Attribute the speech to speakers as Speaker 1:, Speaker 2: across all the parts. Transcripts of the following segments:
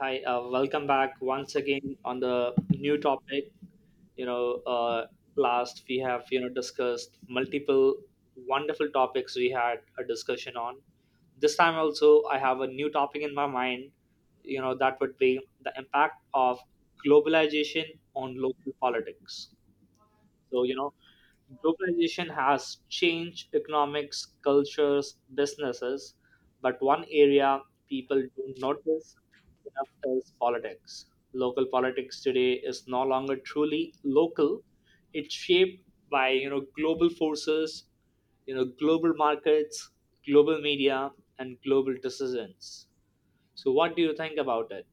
Speaker 1: Hi, welcome back once again on the new topic. You know, uh, last we have discussed multiple wonderful topics we had a discussion on. This time also, I have a new topic in my mind. You know, that would be the impact of globalization on local politics. So, you know, globalization has changed economics, cultures, businesses, but one area people don't notice enough is politics. Local politics today is no longer truly local. It's shaped by, you know, global forces, you know, global markets, global media, and global decisions. So, what do you think about it?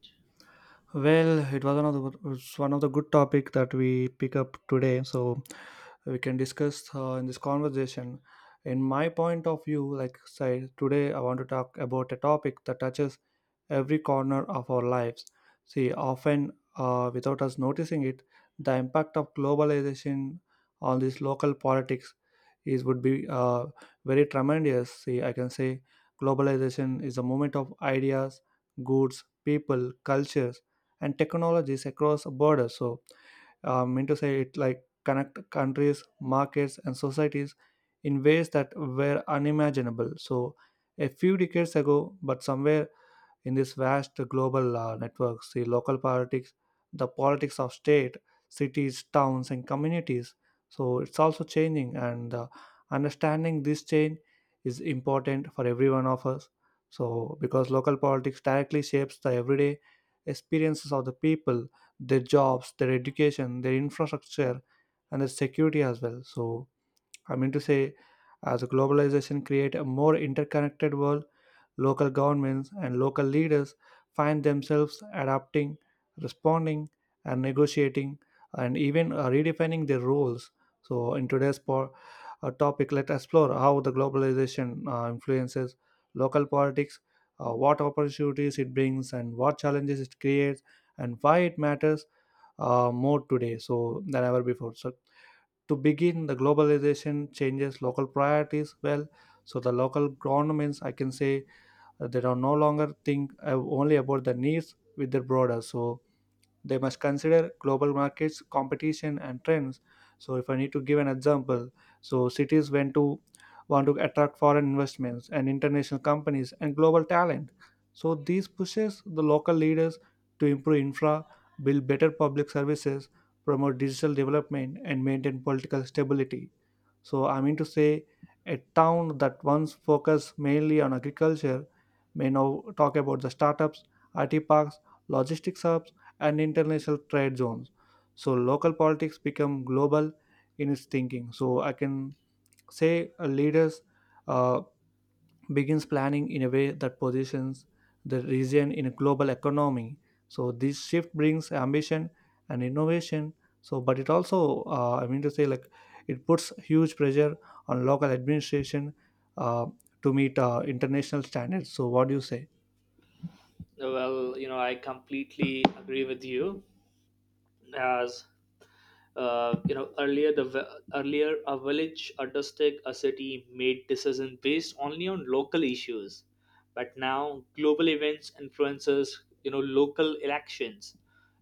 Speaker 2: Well, it was one of the it's one of the good topic that we pick up today, so we can discuss in this conversation. In my point of view, like say today, I want to talk about a topic that touches every corner of our lives. See, often without us noticing it, the impact of globalization on this local politics is would be very tremendous. See, I can say globalization is a movement of ideas, goods, people, cultures and technologies across borders. So, I mean to say it like connect countries, markets, and societies in ways that were unimaginable. So, a few decades ago, but somewhere in this vast global networks, the local politics, the politics of state, cities, towns, and communities. So it's also changing, and understanding this change is important for every one of us. So because local politics directly shapes the everyday experiences of the people, their jobs, their education, their infrastructure, and their security as well. So I mean to say, as globalization create a more interconnected world. Local governments and local leaders find themselves adapting, responding, and negotiating, and even redefining their roles. So, in today's topic, let's explore how the globalization influences local politics, what opportunities it brings, and what challenges it creates, and why it matters more today so than ever before. So, to begin, the globalization changes local priorities well. So, the local governments, I can say, they are no longer think only about the needs with their broader. So they must consider global markets, competition, and trends. So if I need to give an example, so cities went to want to attract foreign investments and international companies and global talent. So these pushes the local leaders to improve infra, build better public services, promote digital development, and maintain political stability. So, I mean to say, a town that once focused mainly on agriculture may now talk about the startups, IT parks, logistics hubs, and international trade zones. So, local politics become global in its thinking. So, I can say leaders uh, begins planning in a way that positions the region in a global economy. So this shift brings ambition and innovation. So, but it also, I mean to say, like it puts huge pressure on local administration uh, to meet international standards. So, what do you say?
Speaker 1: Well, you know, I completely agree with you. As you know earlier earlier a village understood a city made decisions based only on local issues, but now global events influences, you know, local elections,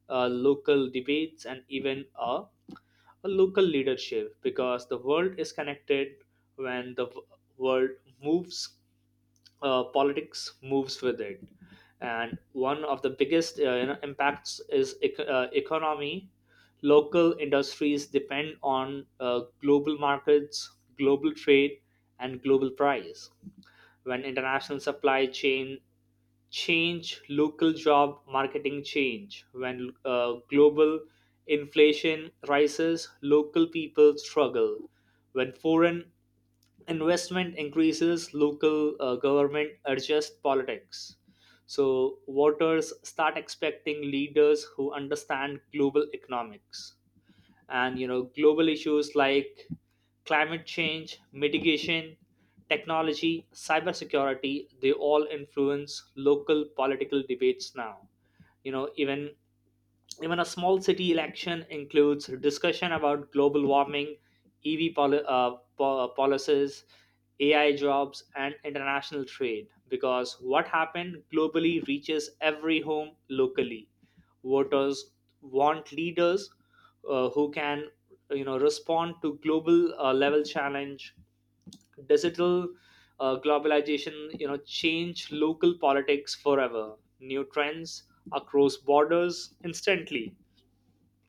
Speaker 1: local debates, and even a local leadership, because the world is connected. When world moves, politics moves with it. And one of the biggest you know impacts is economy. Local industries depend on global markets, global trade, and global price. When international supply chain change, local job marketing change. When global inflation rises, local people struggle. When foreign investment increases, local government adjust politics. So voters start expecting leaders who understand global economics, and you know global issues like climate change mitigation, technology, cybersecurity. They all influence local political debates now. You know, even a small city election includes discussion about global warming, EV policies, AI jobs, and international trade. Because what happened globally reaches every home locally. Voters want leaders who can, you know, respond to global level challenge. Digital globalization, you know, change local politics forever. New trends across borders instantly,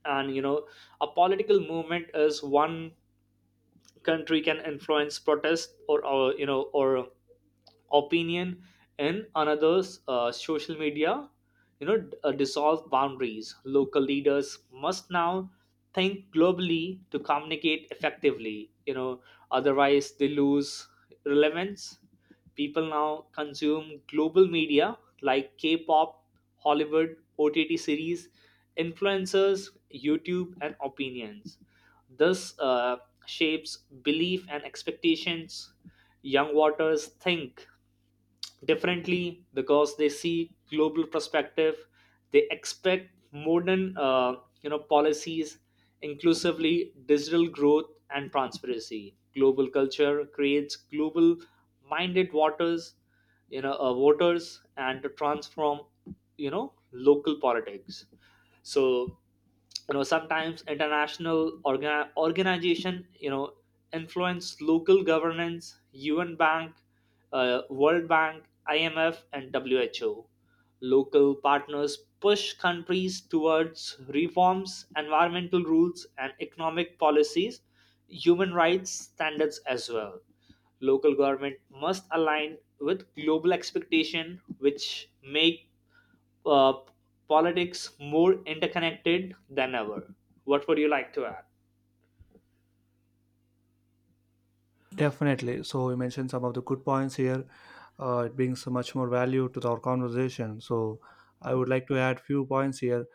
Speaker 1: and you know a political movement is one country can influence protest or you know or opinion in another's social media. You know dissolve boundaries. Local leaders must now think globally to communicate effectively, you know, otherwise they lose relevance. People now consume global media like K-pop, Hollywood, OTT series, influencers, YouTube, and opinions. This shapes belief and expectations. Young waters think differently because they see global perspective. They expect modern you know policies, inclusively, digital growth, and transparency. Global culture creates global minded waters, you know, voters, and to transform, you know, local politics. So you know sometimes international organization, you know, influence local governance. UN Bank, World Bank, IMF, and WHO. Local partners push countries towards reforms, environmental rules, and economic policies, human rights standards as well. Local government must align with global expectation, which make uh, politics more interconnected than ever. What would you like to add?
Speaker 2: Definitely. So, you mentioned some of the good points here. It brings much more value to our conversation. So, I would like to add few points here.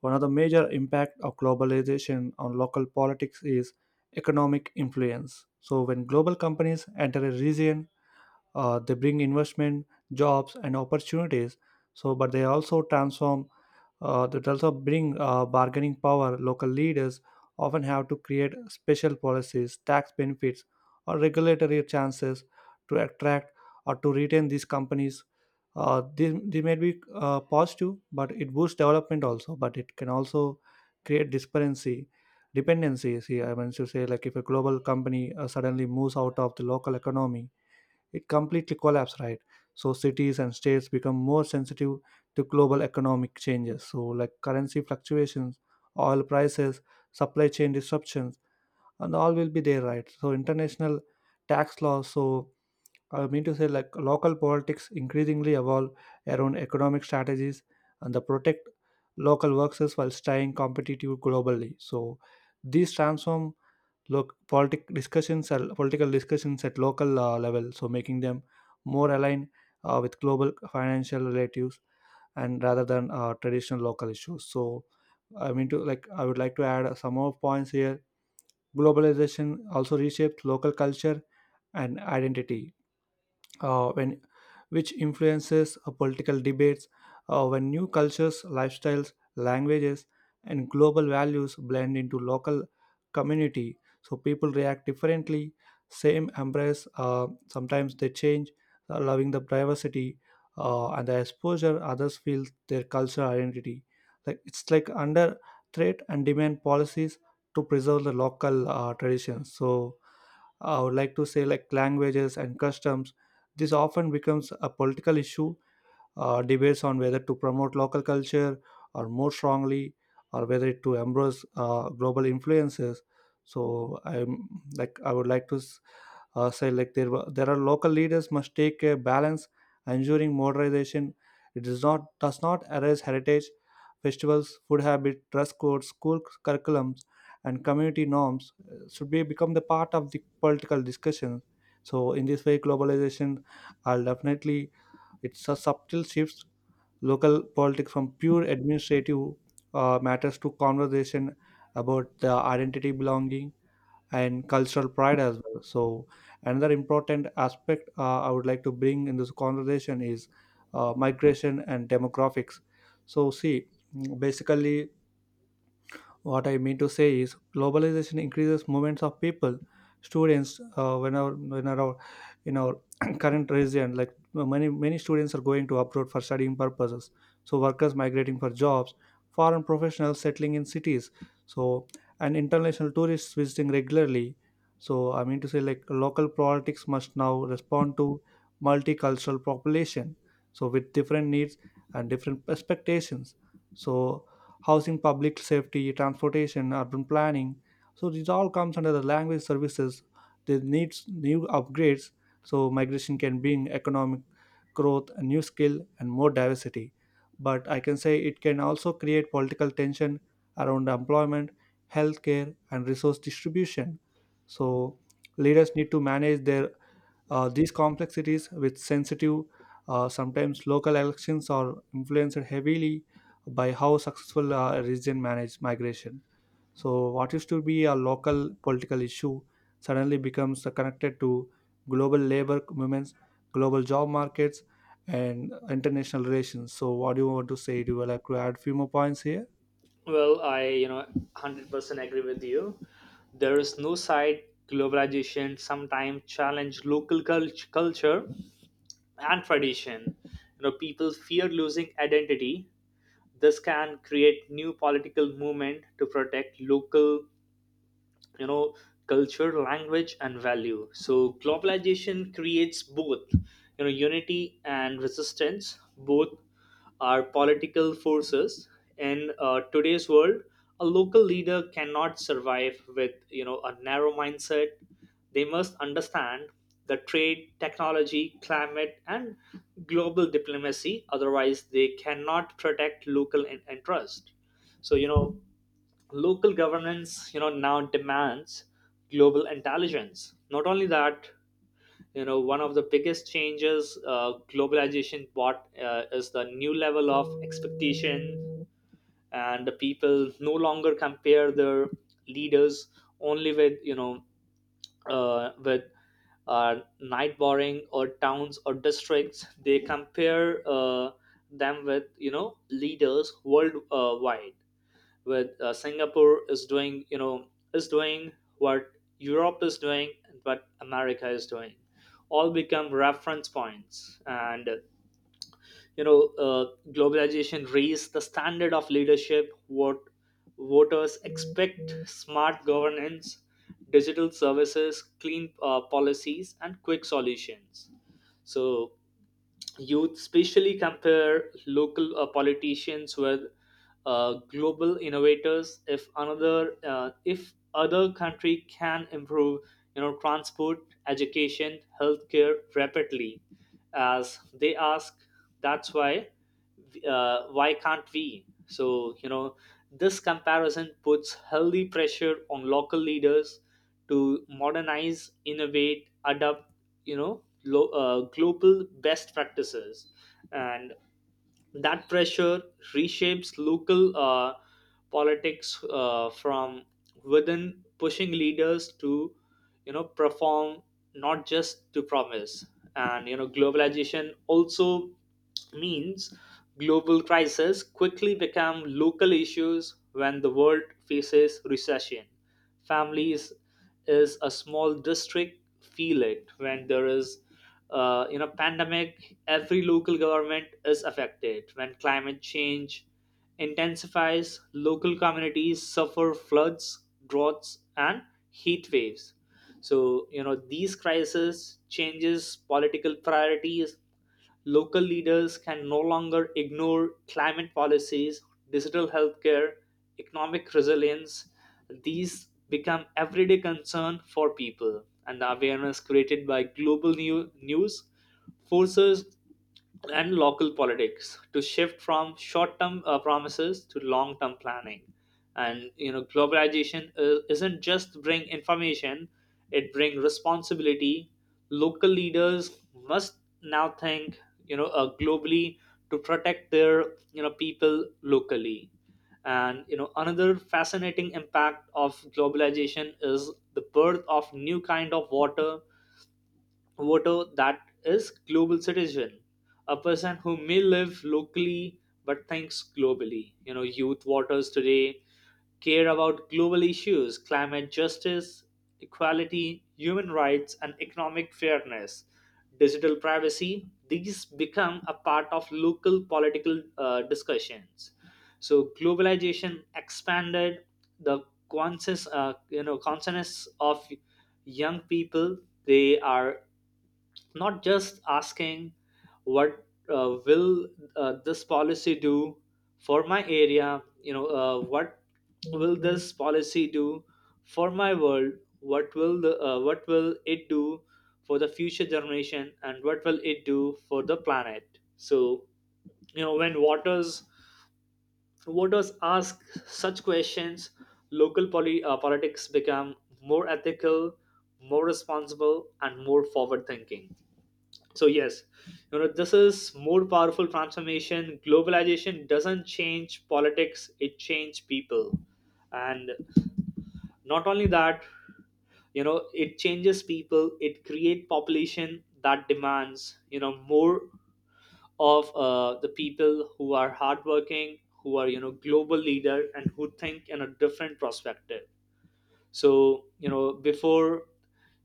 Speaker 2: One of the major impact of globalization on local politics is economic influence. So when global companies enter a region they bring investment jobs and opportunities, so but they also transform that also bring bargaining power local leaders often have to create special policies tax benefits or regulatory chances to attract or to retain these companies, they may be positive but it boosts development also but it can also create disparity dependency. See, I mean to say like if a global company suddenly moves out of the local economy it completely collapsed, right? So cities and states become more sensitive to global economic changes. So like currency fluctuations, oil prices, supply chain disruptions, and all will be there, right? So international tax laws. So I mean to say like local politics increasingly evolve around economic strategies and the protect local workers while staying competitive globally. So these transform look politic discussions are political discussions at local level, so making them more aligned with global financial relatives and rather than traditional local issues. So I mean to like I would like to add some more points here. Globalization also reshapes local culture and identity, when which influences political debates when new cultures lifestyles languages and global values blend into local community. So people react differently, same embrace, sometimes they change allowing the diversity, and the exposure others feel their cultural identity like it's like under threat and demand policies to preserve the local traditions. So I would like to say like languages and customs. This often becomes a political issue, debates on whether to promote local culture or more strongly, or whether to embrace global influences. So I'm like I would like to say like there are local leaders must take a balance ensuring modernization it does not erase heritage festivals food habit dress codes school curriculums and community norms should be become the part of the political discussion. So in this way globalization I'll definitely it's a subtle shift local politics from pure administrative matters to conversation about the identity belonging and cultural pride as well. So another important aspect I would like to bring in this conversation is migration and demographics. So see, basically what I mean to say is, globalization increases movements of people, students. When our In our current region, like many students are going to abroad for studying purposes. So workers migrating for jobs, foreign professionals settling in cities. So and international tourists visiting regularly. So I mean to say, like local politics must now respond to multicultural population. So with different needs and different expectations. So housing, public safety, transportation, urban planning. So these all comes under the language services. They needs new upgrades. So migration can bring economic growth, a new skill, and more diversity. But I can say it can also create political tension around employment, healthcare, and resource distribution. So leaders need to manage their these complexities with sensitive. Sometimes local elections are influenced heavily by how successful a region managed migration. So, what used to be a local political issue suddenly becomes connected to global labor movements, global job markets, and international relations. So, what do you want to say? Do you like to add few more points here?
Speaker 1: Well, I, you know, 100% agree with you. There is no side. Globalization sometimes challenge local culture and tradition. You know, people fear losing identity. This can create new political movement to protect local, you know, culture, language, and value. So globalization creates both, you know, unity and resistance. Both are political forces in today's world. A local leader cannot survive with, you know, a narrow mindset. They must understand the trade, technology, climate, and global diplomacy. Otherwise they cannot protect local interest. So you know local governance, you know, now demands global intelligence. Not only that, you know, one of the biggest changes globalization brought is the new level of expectation. And the people no longer compare their leaders only with, you know, with night boring or towns or districts. They compare them with, you know, leaders worldwide. With, Singapore is doing, you know, is doing what Europe is doing and what America is doing, all become reference points. And you know globalization raised the standard of leadership. What voters expect: smart governance, digital services, clean policies, and quick solutions. So youth especially compare local politicians with global innovators. If other country can improve, you know, transport, education, healthcare rapidly, as they ask, that's why can't we. So you know this comparison puts healthy pressure on local leaders to modernize, innovate, adapt, you know, global best practices. And that pressure reshapes local politics from within, pushing leaders to, you know, perform not just to promise. And, you know, globalization also means global crises quickly become local issues. When the world faces recession, families is a small district feel it. When there is, you know, pandemic, every local government is affected. When climate change intensifies, local communities suffer floods, droughts, and heat waves. So you know these crises changes political priorities. Local leaders can no longer ignore climate policies, digital healthcare, economic resilience. These become everyday concern for people, and the awareness created by global news forces and local politics to shift from short-term promises to long-term planning. And you know globalization isn't just bring information, it bring responsibility. Local leaders must now think, you know, globally to protect their, you know, people locally. And you know another fascinating impact of globalization is the birth of new kind of water voter, that is global citizen, a person who may live locally but thinks globally. You know youth voters today care about global issues, climate justice, equality, human rights, and economic fairness, digital privacy. These become a part of local political discussions. So globalization expanded the you know, consciousness of young people. They are not just asking what will this policy do for my area. You know what will this policy do for my world, what will the what will it do for the future generation, and what will it do for the planet. So you know when waters voters ask such questions, local politics become more ethical, more responsible, and more forward thinking. So yes, you know, this is more powerful transformation. Globalization doesn't change politics, it changes people. And not only that, you know, it changes people, it creates population that demands, you know, more of the people who are hardworking, who are, you know, global leader, and who think in a different perspective. So you know before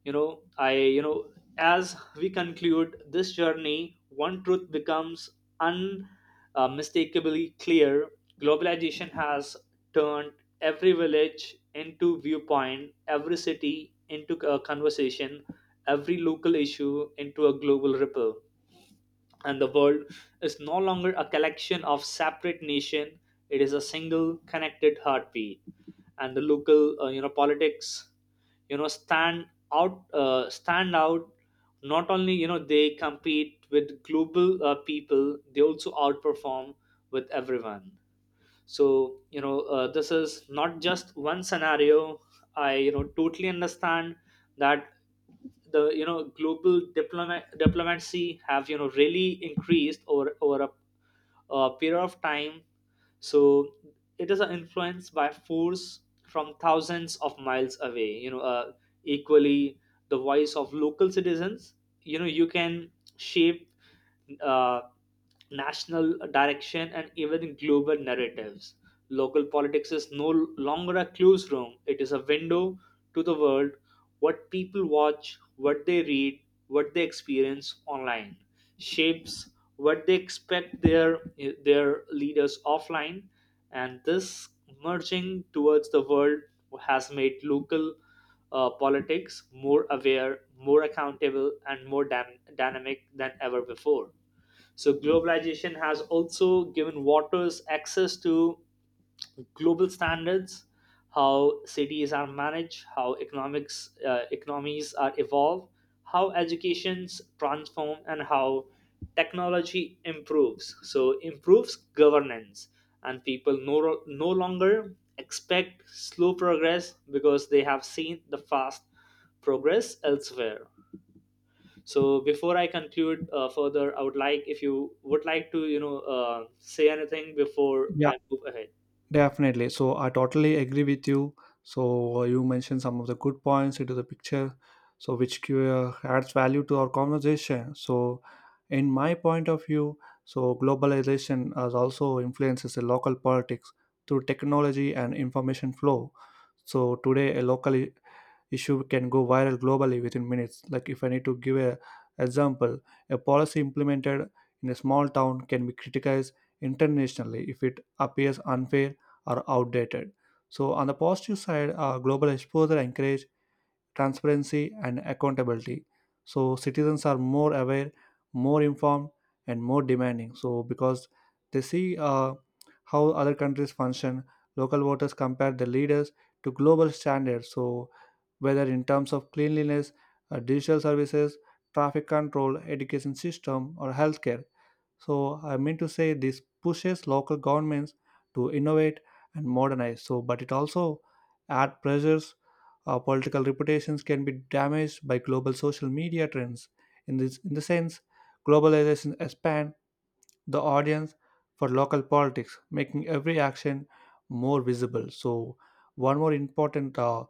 Speaker 1: you know I you know as we conclude this journey, one truth becomes unmistakably clear. Globalization has turned every village into viewpoint, every city into a conversation, every local issue into a global ripple. And the world is no longer a collection of separate nation, it is a single connected heartbeat. And the local you know politics, you know, stand out. Not only, you know, they compete with global people, they also outperform with everyone. So you know this is not just one scenario. I, you know, totally understand that the, you know, global diplomat diplomacy have, you know, really increased over a period of time. So it is an influence by force from thousands of miles away. You know, equally, the voice of local citizens, you know, you can shape uh, national direction and even global narratives. Local politics is no longer a closed room, it is a window to the world. What people watch, what they read, what they experience online, shapes what they expect their leaders offline. And this merging towards the world has made local politics more aware, more accountable, and more dynamic than ever before. So globalization has also given waters access to global standards, how cities are managed, how economics economies are evolved, how educations transform, and how technology improves. So improves governance. And people no longer expect slow progress because they have seen the fast progress elsewhere. So before I conclude further, I would like, if you would like to, you know, say anything before
Speaker 2: Yeah,
Speaker 1: I move ahead.
Speaker 2: definitely. So I totally agree with you. So you mentioned some of the good points into the picture, so which adds value to our conversation. So, in my point of view, so globalization has also influences the local politics through technology and information flow. So today, a local issue can go viral globally within minutes. Like if I need to give a example, a policy implemented in a small town can be criticized internationally if it appears unfair or outdated. So on the positive side, global exposure encourage transparency, and accountability. So citizens are more aware, more informed, and more demanding. So because they see how other countries function, local voters compare the leaders to global standards. So whether in terms of cleanliness, digital services, traffic control, education system, or healthcare. So I mean to say this pushes local governments to innovate and modernize. So, but it also add pressures our political reputations can be damaged by global social media trends. In this, in the sense, globalization expands the audience for local politics, making every action more visible. So, one more important uh,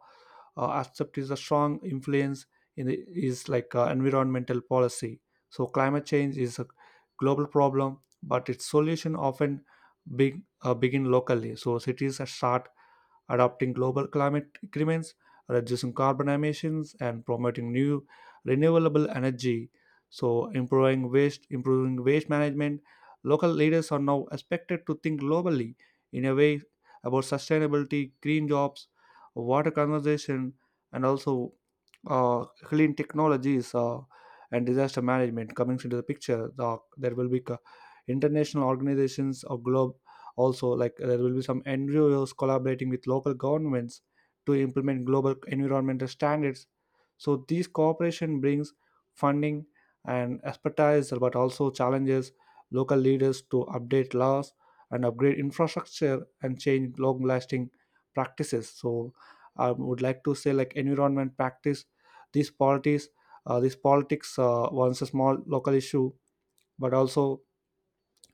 Speaker 2: uh, aspect is a strong influence in the, is like environmental policy. So, climate change is a global problem, but its solution often begin locally. So, cities start adopting global climate agreements, reducing carbon emissions, and promoting new renewable energy. So, improving waste management. Local leaders are now expected to think globally in a way about sustainability, green jobs, water conservation, and also clean technologies and disaster management coming into the picture the, there will be international organizations or globe also like there will be some ngos collaborating with local governments to implement global environmental standards. So these cooperation brings funding and expertise but also challenges local leaders to update laws and upgrade infrastructure and change long lasting practices. So I would like to say like environment practice these polities, this politics once a small local issue, but also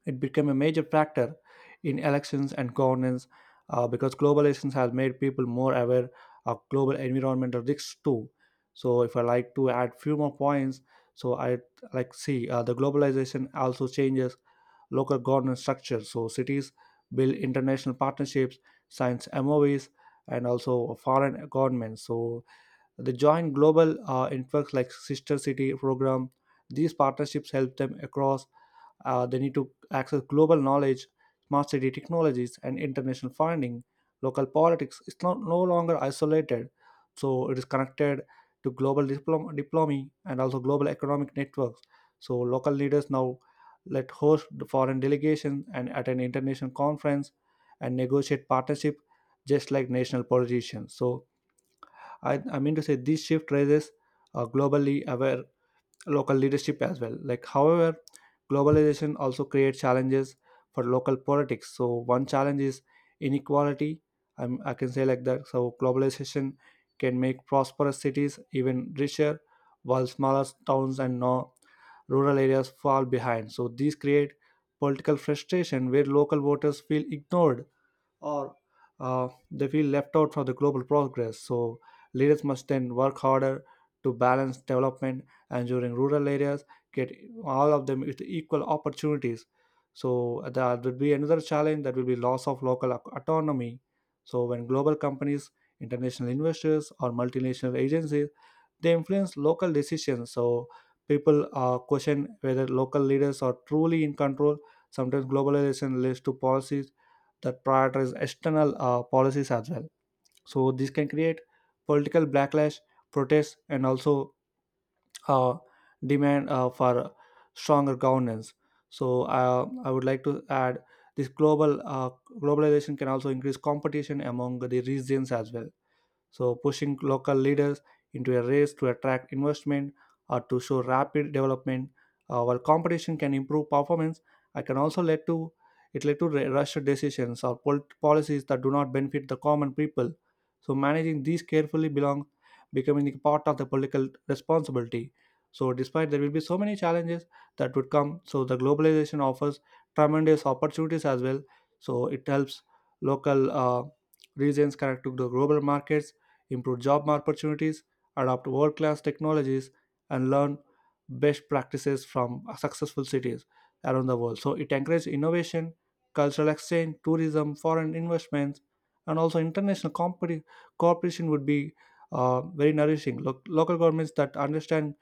Speaker 2: it became a major factor in elections and governance because globalization has made people more aware of global environmental risks too. So, if I like to add few more points, so I like see the globalization also changes local governance structure. So, cities build international partnerships, signs M O MOUs, and also foreign governments. So, they join global networks like Sister City program. These partnerships help them across. They need to access global knowledge, smart city technologies, and international funding. Local politics is not no longer isolated, so it is connected to global diplomacy and also global economic networks. So local leaders now let host the foreign delegation and attend international conference and negotiate partnership just like national politicians. So I mean to say this shift raises globally aware local leadership as well. Like, however, globalization also creates challenges for local politics. So one challenge is inequality. I can say like that. So globalization can make prosperous cities even richer, while smaller towns and no rural areas fall behind. So these create political frustration where local voters feel ignored or they feel left out from the global progress. So leaders must then work harder to balance development, and, during rural areas get all of them with equal opportunities. So that would be another challenge that will be loss of local autonomy. So when global companies, international investors, or multinational agencies they influence local decisions, so people question whether local leaders are truly in control. Sometimes globalization leads to policies that prioritize external policies as well. So this can create political backlash protests and also uh, demand for stronger governance. So I would like to add this global globalization can also increase competition among the regions as well, so, pushing local leaders into a race to attract investment or to show rapid development, while competition can improve performance, I can also lead to it led to rushed decisions or policies that do not benefit the common people. So, managing these carefully belong becoming the part of the political responsibility. So, despite there will be so many challenges that would come, so the globalization offers tremendous opportunities as well. So, it helps local regions connect to the global markets improve job opportunities, adopt world class technologies, and learn best practices from successful cities around the world. So it encourages innovation, cultural exchange, tourism, foreign investments, and also international cooperation would be very nourishing. Local governments that understand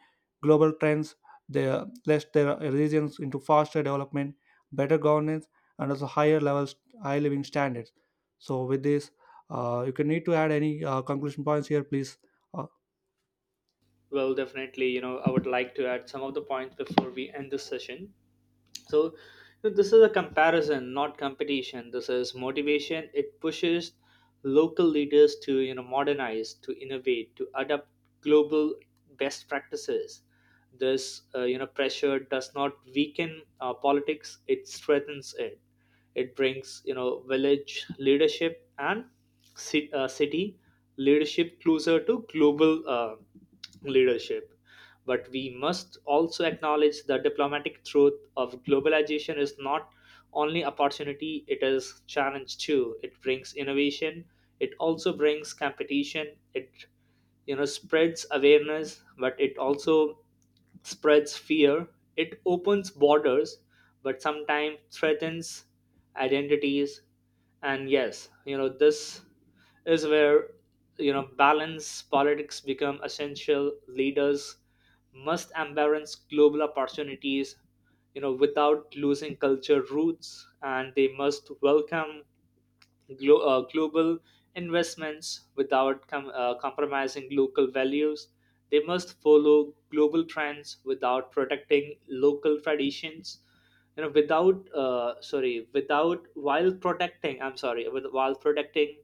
Speaker 2: global trends, they place their regions into faster development, better governance, and also higher levels, high living standards. So with this, you can need to add any conclusion points here, please. Uh,
Speaker 1: Well, definitely, you know, I would like to add some of the points before we end this session. So, you know, this is a comparison, not competition. This is motivation. It pushes local leaders to, you know, modernize, to innovate, to adapt global best practices. This, you know, pressure does not weaken politics. It strengthens it. It brings, you know, village leadership and city leadership closer to global. Leadership. But we must also acknowledge the diplomatic truth of globalization is not only opportunity, it is challenge too. It brings innovation, it also brings competition, it you know spreads awareness, but it also spreads fear. It opens borders, but sometimes threatens identities. And yes, you know this is where, you know, balance politics become essential. Leaders must embrace global opportunities, you know, without losing culture roots. And they must welcome global investments without compromising local values. They must follow global trends without protecting local traditions. You know, without sorry, without while protecting. I'm sorry, while protecting.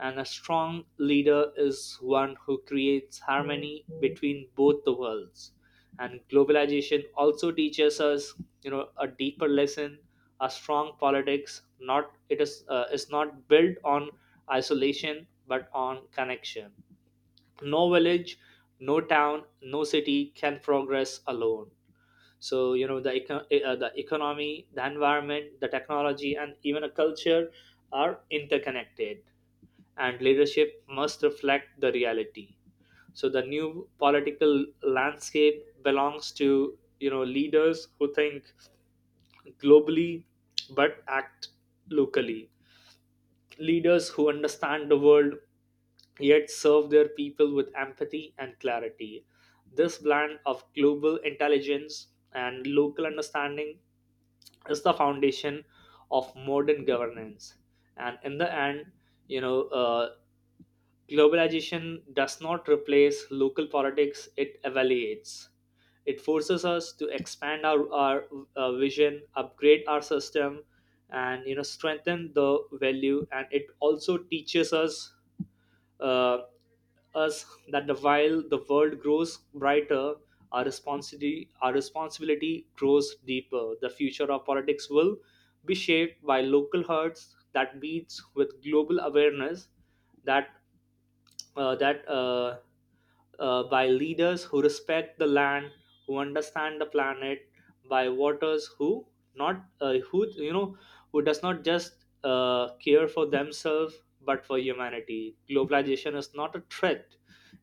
Speaker 1: And a strong leader is one who creates harmony between both the worlds. And globalization also teaches us, you know, a deeper lesson. A strong politics not it is not built on isolation but on connection. No village, no town, no city can progress alone. So you know the economy, the environment, the technology, and even a culture are interconnected. And leadership must reflect the reality. So the new political landscape belongs to, you know, leaders who think globally but act locally. Leaders who understand the world yet serve their people with empathy and clarity. This blend of global intelligence and local understanding is the foundation of modern governance. And in the end, you know, globalization does not replace local politics, it evaluates. It forces us to expand our vision, upgrade our system, and, you know, strengthen the value. And it also teaches uh, us that the while the world grows brighter, our responsibility grows deeper. The future of politics will be shaped by local hearts that beats with global awareness. That that by leaders who respect the land, who understand the planet, by voters who not who, you know, who does not just care for themselves but for humanity. Globalization is not a threat;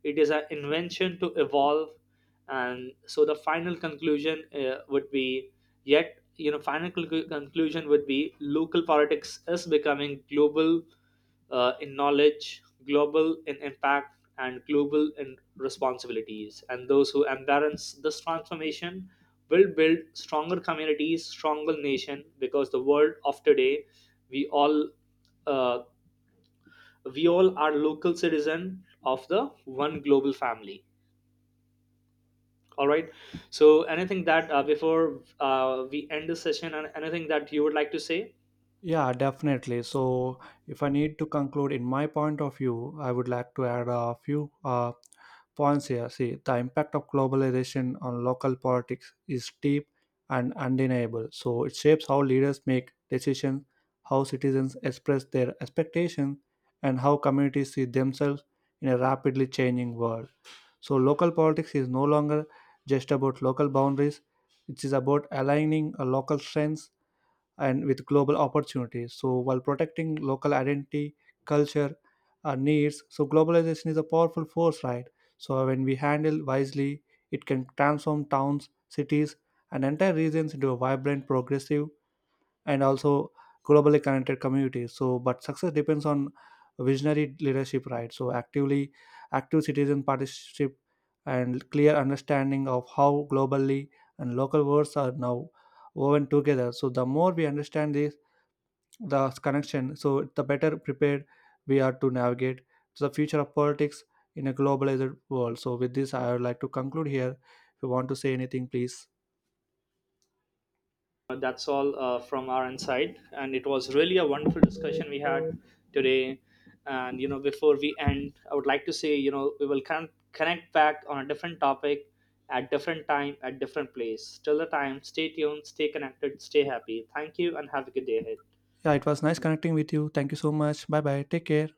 Speaker 1: it is an invention to evolve. And so the final conclusion would be, yet you know, final conclusion would be local politics is becoming global in knowledge, global in impact, and global in responsibilities. And those who embrace this transformation will build stronger communities, stronger nation. Because the world of today, we all uh, we all are local citizen of the one global family. All right. So, anything that before we end the session, and anything that you would like to say?
Speaker 2: yeah, definitely. So, if I need to conclude in my point of view, I would like to add a few points here. See, the impact of globalization on local politics is deep and undeniable. So, it shapes how leaders make decisions, how citizens express their expectations, and how communities see themselves in a rapidly changing world. So, local politics is no longer just about local boundaries, it is about aligning a local strengths and with global opportunities. So, while protecting local identity, culture, our needs, so globalization is a powerful force, right? So, when we handle wisely, it can transform towns, cities, and entire regions into a vibrant, progressive, and also globally connected communities. So but success depends on visionary leadership, right? So actively active citizen partnership and clear understanding of how globally and local worlds are now woven together. So the more we understand this the connection, so the better prepared we are to navigate to the future of politics in a globalized world. So with this I would like to conclude here if you want to say anything please.
Speaker 1: That's all from our end side. And it was really a wonderful discussion we had today. And you know before we end, I would like to say, you know, we will connect back on a different topic at different time at different place. Till the time, stay tuned, stay connected, stay happy. Thank you and have a good day ahead.
Speaker 2: Yeah, it was nice connecting with you, thank you so much, bye bye, take care.